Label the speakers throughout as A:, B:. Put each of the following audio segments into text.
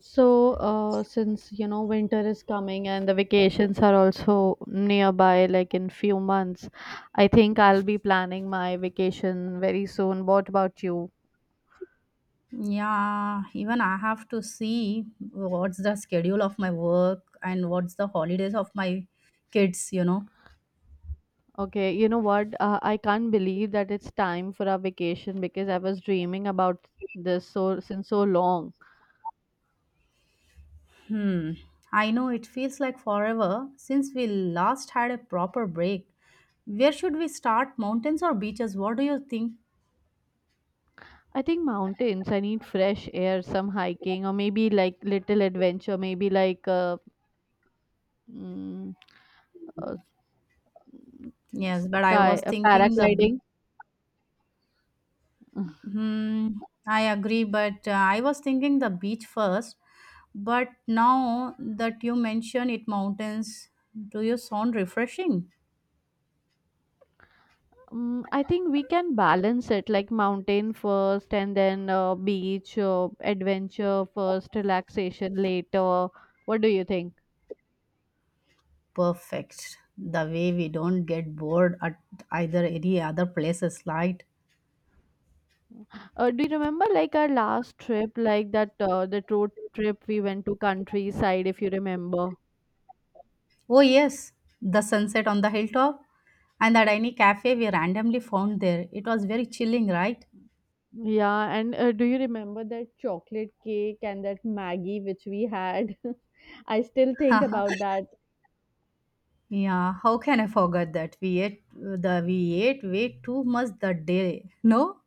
A: Since winter is coming and the vacations are also nearby, like in few months, I think I'll be planning my vacation very soon. What about you?
B: Yeah, even I have to see what's the schedule of my work and what's the holidays of my kids.
A: Okay, you know what? I can't believe that it's time for our vacation because I was dreaming about this so since so long.
B: Hmm. I know it feels like forever since we last had a proper break. Where should we start? Mountains or beaches? What do you think?
A: I think mountains. I need fresh air, some hiking, or maybe like little adventure. Maybe like mm, uh,
B: Yes, but I
A: sky
B: was thinking the beach.
A: paragliding.
B: Hmm, I agree, but I was thinking the beach first. But now that you mention it, mountains, do you sound refreshing?
A: Mm, I think we can balance it like mountain first and then beach, adventure first, relaxation later. What do you think?
B: Perfect. The way we don't get bored at either any other places, right?
A: Do you remember like our last trip, like that road trip we went to countryside, if you remember?
B: Oh yes, the sunset on the hilltop and the tiny cafe we randomly found there. It was very chilling, right?
A: Yeah, and do you remember that chocolate cake and that Maggie which we had? I still think about that.
B: Yeah, how can I forget that? We ate way too much that day. No?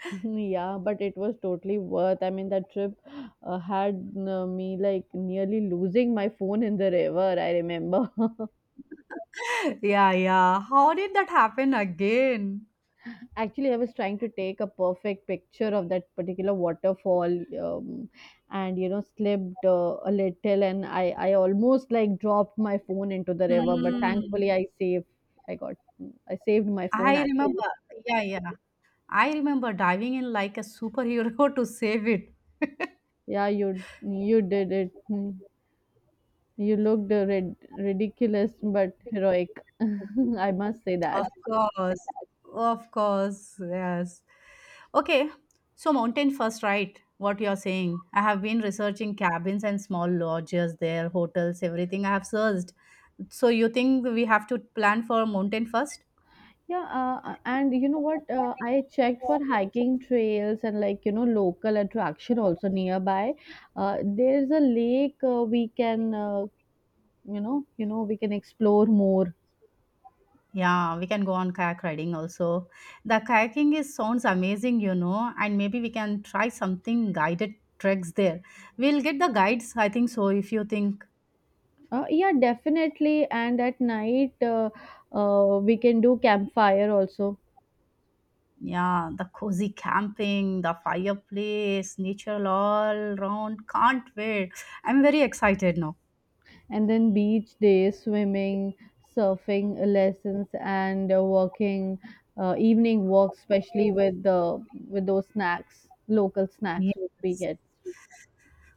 A: Mhm. Yeah, but it was totally worth. I mean, that trip had me like nearly losing my phone in the river. I remember.
B: Yeah, yeah. How did that happen again?
A: Actually, I was trying to take a perfect picture of that particular waterfall, um, and you know, slipped a little, and I almost like dropped my phone into the river. But
B: Hmm.
A: thankfully, I saved. I got. I saved my phone
B: I
A: actually.
B: remember. Yeah, yeah. I remember diving in like a superhero to save it.
A: Yeah, you did it. Hmm. You looked ridiculous but heroic. I must say
B: Of
A: that.
B: course. Of course. Yes. Okay. So mountain first, right? What you're saying. I have been researching cabins and small lodges there, hotels, everything I have searched. So you think we have to plan for mountain first?
A: Yeah, and you know what? I checked for hiking trails and like you know local attraction also nearby. There's a lake we can we can explore more.
B: Yeah, we can go on kayak riding also. The kayaking is sounds amazing, and maybe we can try something guided treks there. We'll get the guides, I think so, if you think.
A: Yeah, definitely. And at night, we can do campfire also.
B: Yeah, the cozy camping, the fireplace, nature all round. Can't wait. I'm very excited now.
A: And then beach days, swimming, surfing lessons, and walking, evening walks, especially with the with those snacks, local snacks which we
B: Yes.
A: get.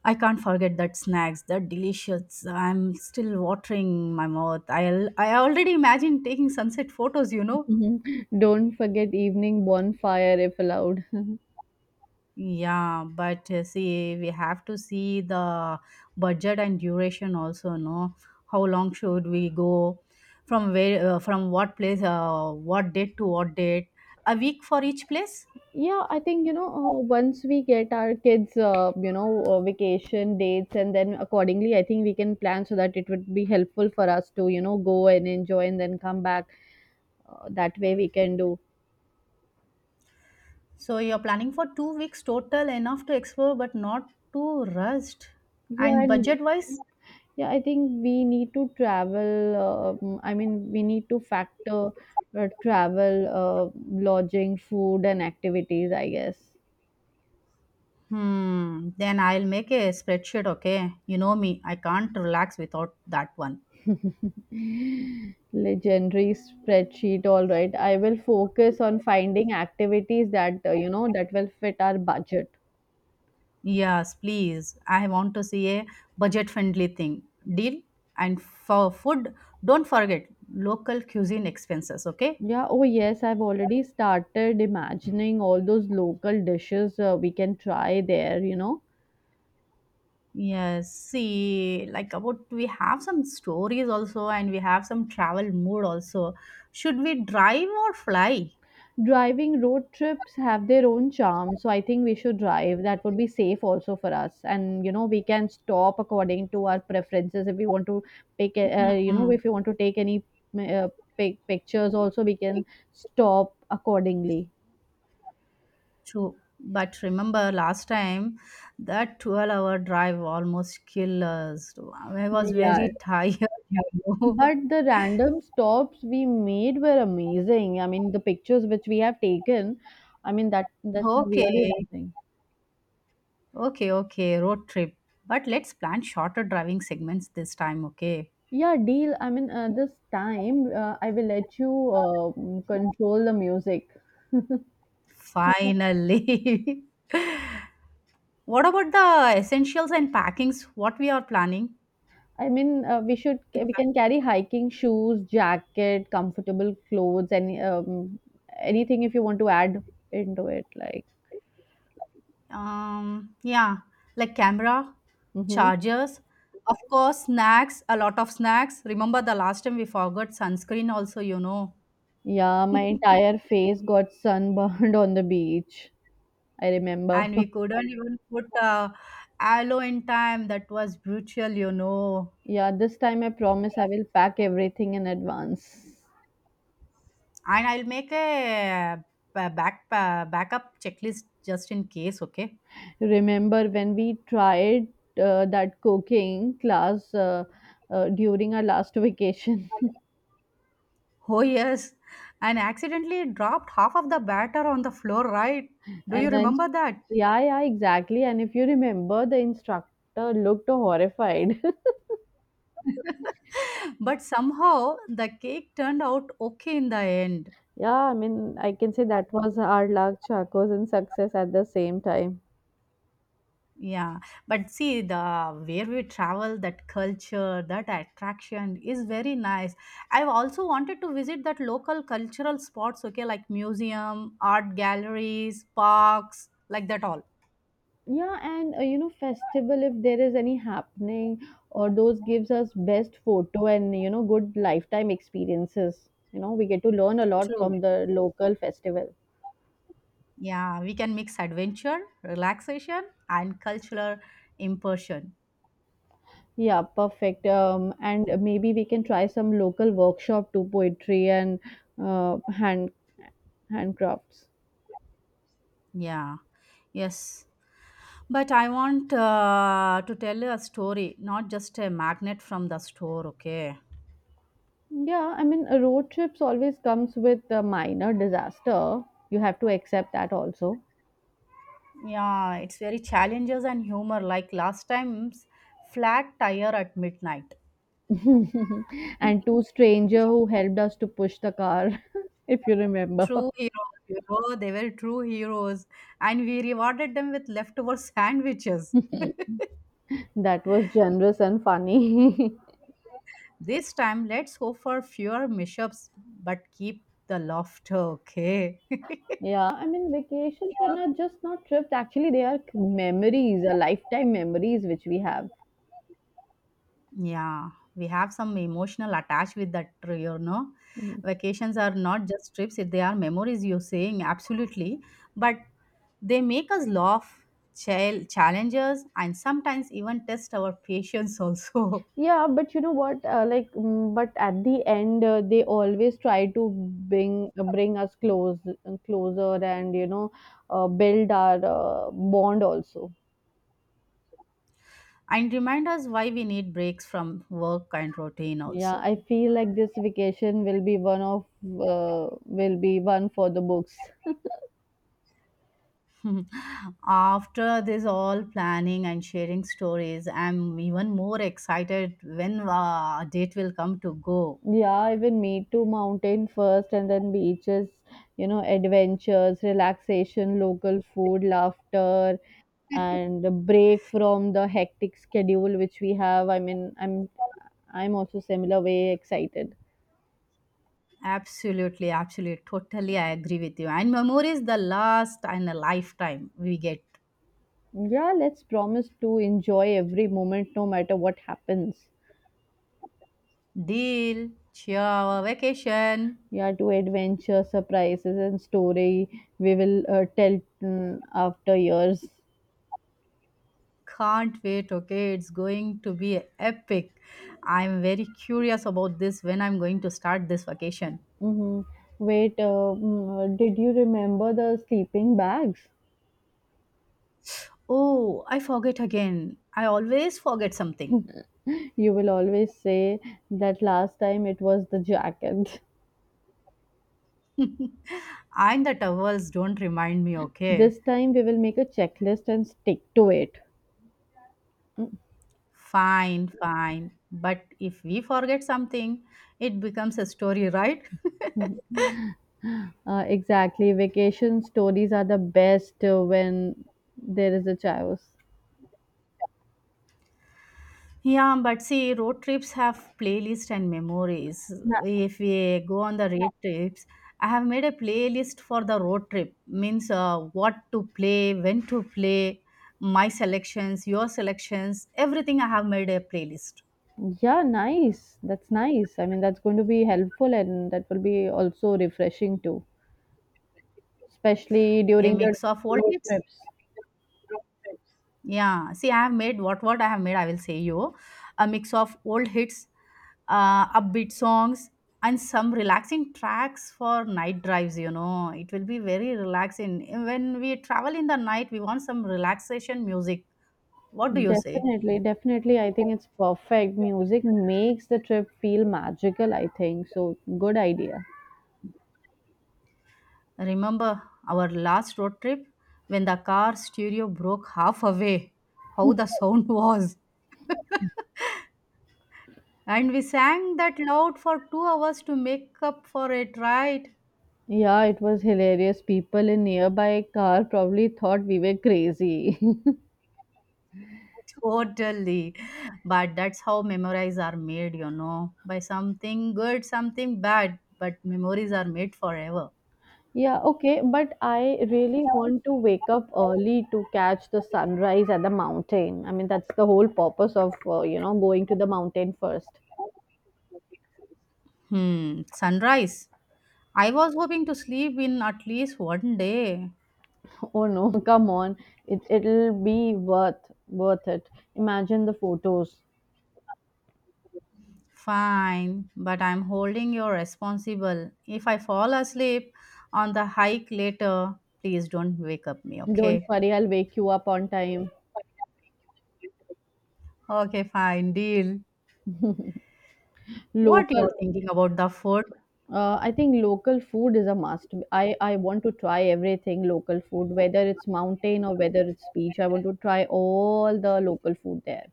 B: I can't forget that snacks, that delicious. I'm still watering my mouth. I already imagine taking sunset photos.
A: Mhm. Don't forget evening bonfire if allowed.
B: Yeah, but see, we have to see the budget and duration also, no? How long should we go? From where, from what place, what date to what date? A week for each place?
A: Yeah, I think you know once we get our kids, vacation dates, and then accordingly, I think we can plan so that it would be helpful for us to you know go and enjoy and then come back. That way we can do.
B: So you're planning for 2 weeks total, enough to explore, but not too rushed.
A: Yeah,
B: And
A: and
B: budget wise,
A: yeah, I think we need to travel. I mean, we need to factor travel, lodging, food, and activities, I guess.
B: then I'll make a spreadsheet, okay? You know me, I can't relax without that one.
A: Legendary spreadsheet. All right. I will focus on finding activities that, that will fit our budget.
B: Yes, please. I want to see a budget friendly thing. Deal? And for food, don't forget local cuisine expenses, okay?
A: Yeah, oh yes, I've already started imagining all those local dishes we can try there, you know.
B: Yes, see, like about we have some stories also, and we have some travel mood also. Should we drive or fly?
A: Driving road trips have their own charm, so I think we should drive. That would be safe also for us, and you know we can stop according to our preferences. If we want to pick,
B: Mhm.
A: if we want to take any uh, pictures, also we can stop accordingly.
B: True. But remember last time that 12-hour drive almost killed us. I was
A: Yeah,
B: very tired. you know.
A: but the random stops we made were amazing. I mean, the pictures which we have taken, I mean that's really
B: Okay.
A: amazing.
B: Okay. Okay. Road trip. But let's plan shorter driving segments this time. Okay.
A: Yeah, deal. I mean, this time I will let you control the music.
B: Finally. What about the essentials and packings? What we are planning?
A: I mean, we should we can carry hiking shoes, jacket, comfortable clothes, any anything if you want to add into it. Like,
B: Yeah, like camera,
A: hmm,
B: chargers, of course, snacks, a lot of snacks. Remember the last time we forgot sunscreen, also, you know?
A: yeah, my entire face got sunburned on the beach. I remember.
B: And we couldn't even put aloe in time. That was brutal.
A: Yeah, this time I promise I will pack everything in advance.
B: And I'll make a backup checklist just in case, okay?
A: Remember when we tried that cooking class during our last vacation?
B: Oh, yes, and accidentally dropped half of the batter on the floor, right? Do you
A: And then,
B: remember that?
A: yeah, yeah, exactly. And if you remember, the instructor looked horrified.
B: But somehow the cake turned out okay in the end.
A: Yeah, I mean, I can say that was our luck, chakos, and success at the same time.
B: Yeah, but see the where we travel, that culture, that attraction is very nice. I've also wanted to visit that local cultural spots, okay, like museum, art galleries, parks, like that all.
A: Yeah, and you know, festival if there is any happening, or those gives us best photo and you know good lifetime experiences. You know, we get to learn a lot
B: True.
A: from the local festival.
B: Yeah, we can mix adventure, relaxation, and cultural immersion.
A: Yeah, perfect. And maybe we can try some local workshop to poetry and uh, hand handcrafts.
B: Yeah. Yes. But I want to tell a story, not just a magnet from the store, okay?
A: Yeah, I mean, a road trips always comes with a minor disaster. You have to accept that also.
B: Yeah, it's very challenges and humor, like last time's flat tire at midnight.
A: And two stranger who helped us to push the car, if you remember.
B: True heroes, they were true heroes, and we rewarded them with leftover sandwiches.
A: That was generous and funny.
B: This time, let's hope for fewer mishaps, but keep the laughter, okay?
A: Yeah, I mean, vacations are not just not trips. Actually, they are memories, a lifetime memories which we have.
B: Yeah, we have some emotional attach with that tree. Vacations are not just trips, they are memories, you're saying, absolutely. But they make us laugh, challenge us, and sometimes even test our patience also.
A: Yeah, but you know what? But at the end, they always try to bring us closer, and you know, build our bond also.
B: And remind us why we need breaks from work and routine
A: Yeah,
B: also.
A: I feel like this vacation will be one of will be one for the books.
B: After this all planning and sharing stories, I'm even more excited when a date will come to go.
A: Yeah, even me too. Mountain first, and then beaches. You know, adventures, relaxation, local food, laughter, and a break from the hectic schedule which we have. I mean, I'm also similar way excited.
B: Absolutely, absolutely. Totally, I agree with you. And memories, the last and a lifetime we get.
A: Yeah, let's promise to enjoy every moment no matter what happens.
B: Deal, cheer, vacation.
A: Yeah, to adventure, surprises, and story we will tell after years.
B: Can't wait, okay? It's going to be epic. I'm very curious about this when I'm going to start this vacation.
A: Hmm. Wait, did you remember the sleeping bags?
B: Oh, I forget again. I always forget something.
A: You will always say that last time it was the jacket.
B: And the towels don't remind me, okay?
A: This time we will make a checklist and stick to it.
B: Fine, fine. But if we forget something, it becomes a story, right?
A: Exactly. Vacation stories are the best when there is a chaos.
B: Yeah, but see, road trips have playlist and memories.
A: Na-
B: If we go on the road trips, I have made a playlist for the road trip. Means what to play, when to play, my selections, your selections, everything. I have made a playlist,
A: yeah, nice. That's nice. I mean, that's going to be helpful and that will be also refreshing too, especially
B: a
A: during the
B: mix of old
A: road
B: hits.
A: trips.
B: Yeah, see, I have made what I have made. I will say you a mix of old hits, upbeat songs, and some relaxing tracks for night drives. You know, it will be very relaxing when we travel in the night. We want some relaxation music. What do you say?
A: Definitely, definitely. I think it's perfect. Music makes the trip feel magical, I think. So, good idea.
B: Remember our last road trip when the car stereo broke half away? How the sound was. And we sang that loud for 2 hours to make up for it, right?
A: Yeah, it was hilarious. People in nearby car probably thought we were crazy.
B: Totally. But that's how memories are made, by something good, something bad, but memories are made forever.
A: Yeah, okay, but I really want to wake up early to catch the sunrise at the mountain. I mean, that's the whole purpose of, going to the mountain first.
B: Hmm, sunrise. I was hoping to sleep in at least one day.
A: Oh no, come on. It it'll be worth it. Imagine the photos.
B: Fine, but I'm holding you responsible. If I fall asleep on the hike later, please don't wake up me,
A: Don't
B: okay?
A: worry, I'll wake you up on time.
B: Okay, fine, deal. What
A: Local
B: you're thinking about the food,
A: I think local food is a must. I want to try everything local food, whether it's mountain or whether it's beach. I want to try all the local food there.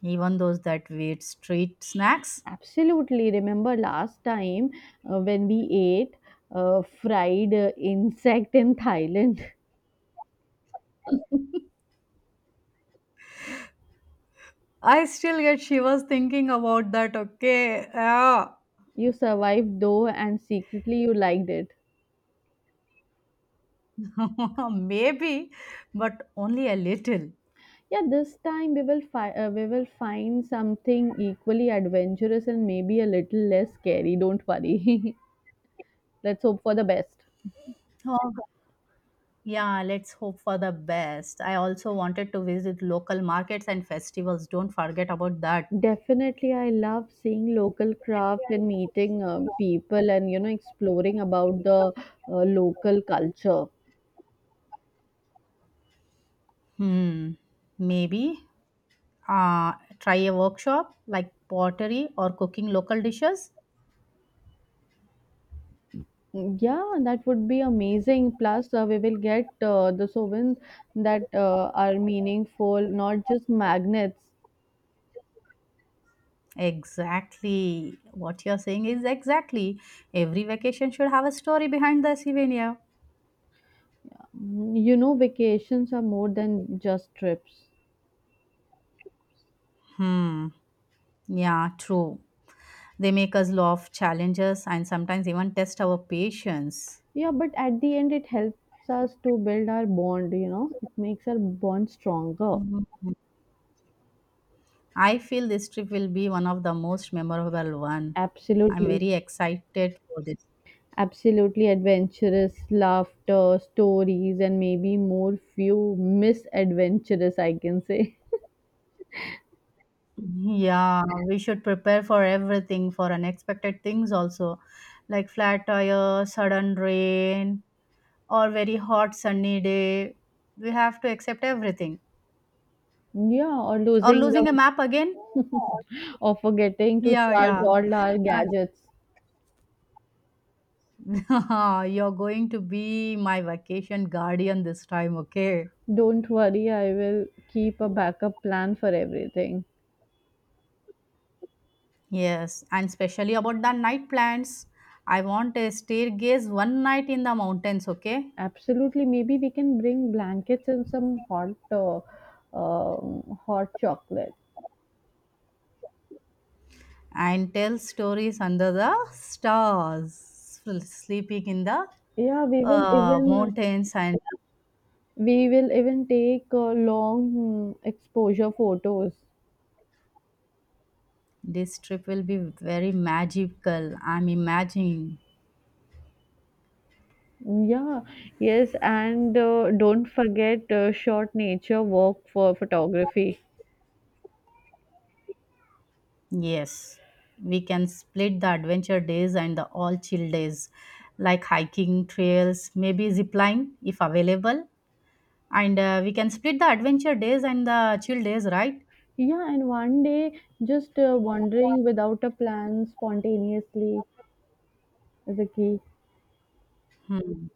B: even those that weird street snacks?
A: Absolutely. Remember last time when we ate fried insect in Thailand?
B: I still get she was thinking about that. Okay, yeah,
A: You survived though, and secretly you liked it.
B: maybe, but only a little.
A: Yeah, this time we will we will find something equally adventurous and maybe a little less scary. Don't worry. Let's hope for the best.
B: Oh, God. Yeah, let's hope for the best. I also wanted to visit local markets and festivals. Don't forget about that.
A: Definitely, I love seeing local crafts and meeting people and you know exploring about the local culture.
B: Hmm, maybe uh, try a workshop like pottery or cooking local dishes.
A: Yeah, that would be amazing. Plus, we will get the souvenirs that are meaningful, not just magnets.
B: Exactly. What you're saying is exactly. Every vacation should have a story behind the souvenir.
A: Mm, you know, vacations are more than just trips.
B: Hmm. Yeah, true. They make us love challenges and sometimes even test our patience.
A: Yeah, but at the end, it helps us to build our bond, you know, it makes our bond stronger.
B: Mhm. I feel this trip will be one of the most memorable one. I'm
A: Absolutely.
B: very excited for this.
A: Absolutely adventurous laughter, stories, and maybe more few misadventurous, I can say.
B: Yeah, we should prepare for everything, for unexpected things also, like flat tire, sudden rain, or very hot sunny day. We have to accept everything.
A: Yeah, or
B: Or
A: losing
B: losing a
A: the
B: map again.
A: or forgetting to
B: Yeah,
A: charge
B: yeah.
A: all our gadgets.
B: You're going to be my vacation guardian this time, okay?
A: Don't worry, I will keep a backup plan for everything.
B: Yes, and especially about the night plans. I want a staircase one night in the mountains, okay?
A: Absolutely, maybe we can bring blankets and some hot, hot chocolate.
B: And tell stories under the stars, sleeping in the
A: Yeah,
B: mountains. And
A: we will even take long exposure photos.
B: this trip will be very magical. I'm imagining.
A: Yeah, yes, and don't forget short nature walk for photography.
B: Yes, we can split the adventure days and the all chill days, like hiking trails, maybe zip line if available. And we can split the adventure days and the chill days, right?
A: Yeah, and one day just wandering without a plan spontaneously is a key.
B: Hmm.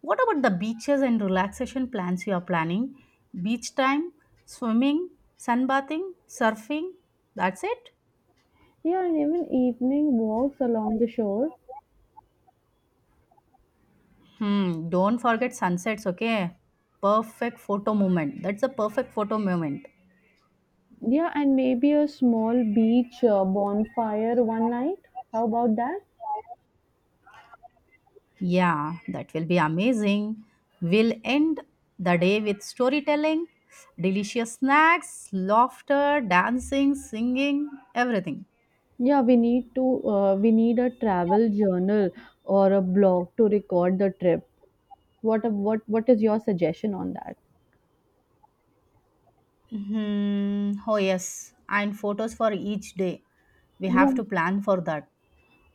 B: What about the beaches and relaxation plans you are planning? Beach time, swimming, sunbathing, surfing. That's it.
A: Yeah, and even evening walks along the shore.
B: Hmm. Don't forget sunsets, okay? Perfect photo moment. That's a perfect photo moment.
A: Yeah, and maybe a small beach bonfire one night. How about that?
B: Yeah, that will be amazing. We'll end the day with storytelling, delicious snacks, laughter, dancing, singing, everything.
A: Yeah, we need to we need a travel journal or a blog to record the trip. What a, what what is your suggestion on that?
B: Hmm. Oh, yes. And photos for each day. We
A: Yeah,
B: have to plan for that.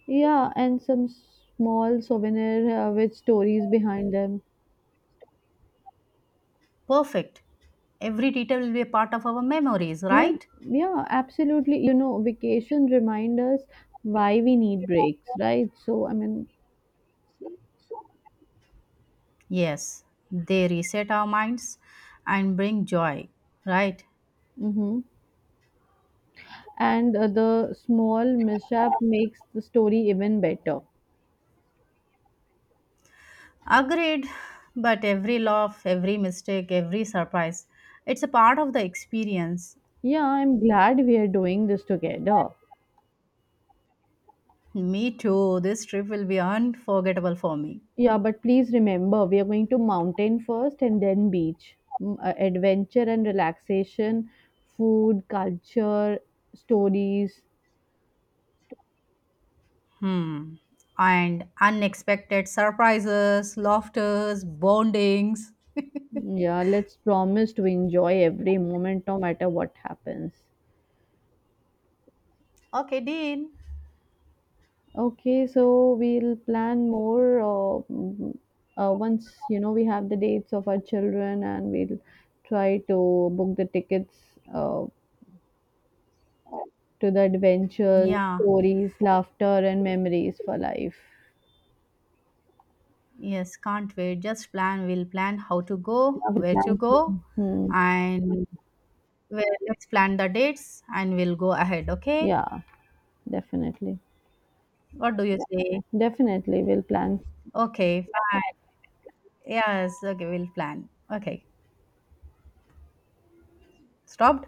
A: yeah, and some small souvenir with stories behind them.
B: Perfect. Every detail will be a part of our memories,
A: Yeah,
B: right?
A: yeah, absolutely. You know, vacation remind us why we need breaks, right? So, I mean,
B: Yes. They reset our minds and bring joy, right?
A: hmm, and the small mishap makes the story even better.
B: Agreed. But every laugh, every mistake, every surprise, it's a part of the experience.
A: Yeah, I'm glad we are doing this together.
B: Me too. This trip will be unforgettable for me.
A: Yeah, but please remember, we are going to mountain first and then beach. Adventure and relaxation, food, culture, stories.
B: Hmm. And unexpected surprises, laughters, bondings.
A: Yeah, let's promise to enjoy every moment no matter what happens.
B: Okay, Dean.
A: Okay, so we'll plan more once you know we have the dates of our children, and we'll try to book the tickets uh, to the adventures,
B: Yeah.
A: stories, laughter, and memories for life.
B: Yes, can't wait. Just plan. We'll plan how to
A: Yeah,
B: go,
A: we'll
B: where to
A: plan
B: go,
A: soon. Hmm.
B: and well, let's plan the dates and we'll go ahead. Okay.
A: Yeah, definitely,
B: What do you say?
A: definitely, we'll plan
B: Okay, fine. Yes. Okay, we'll plan. Okay. Stopped?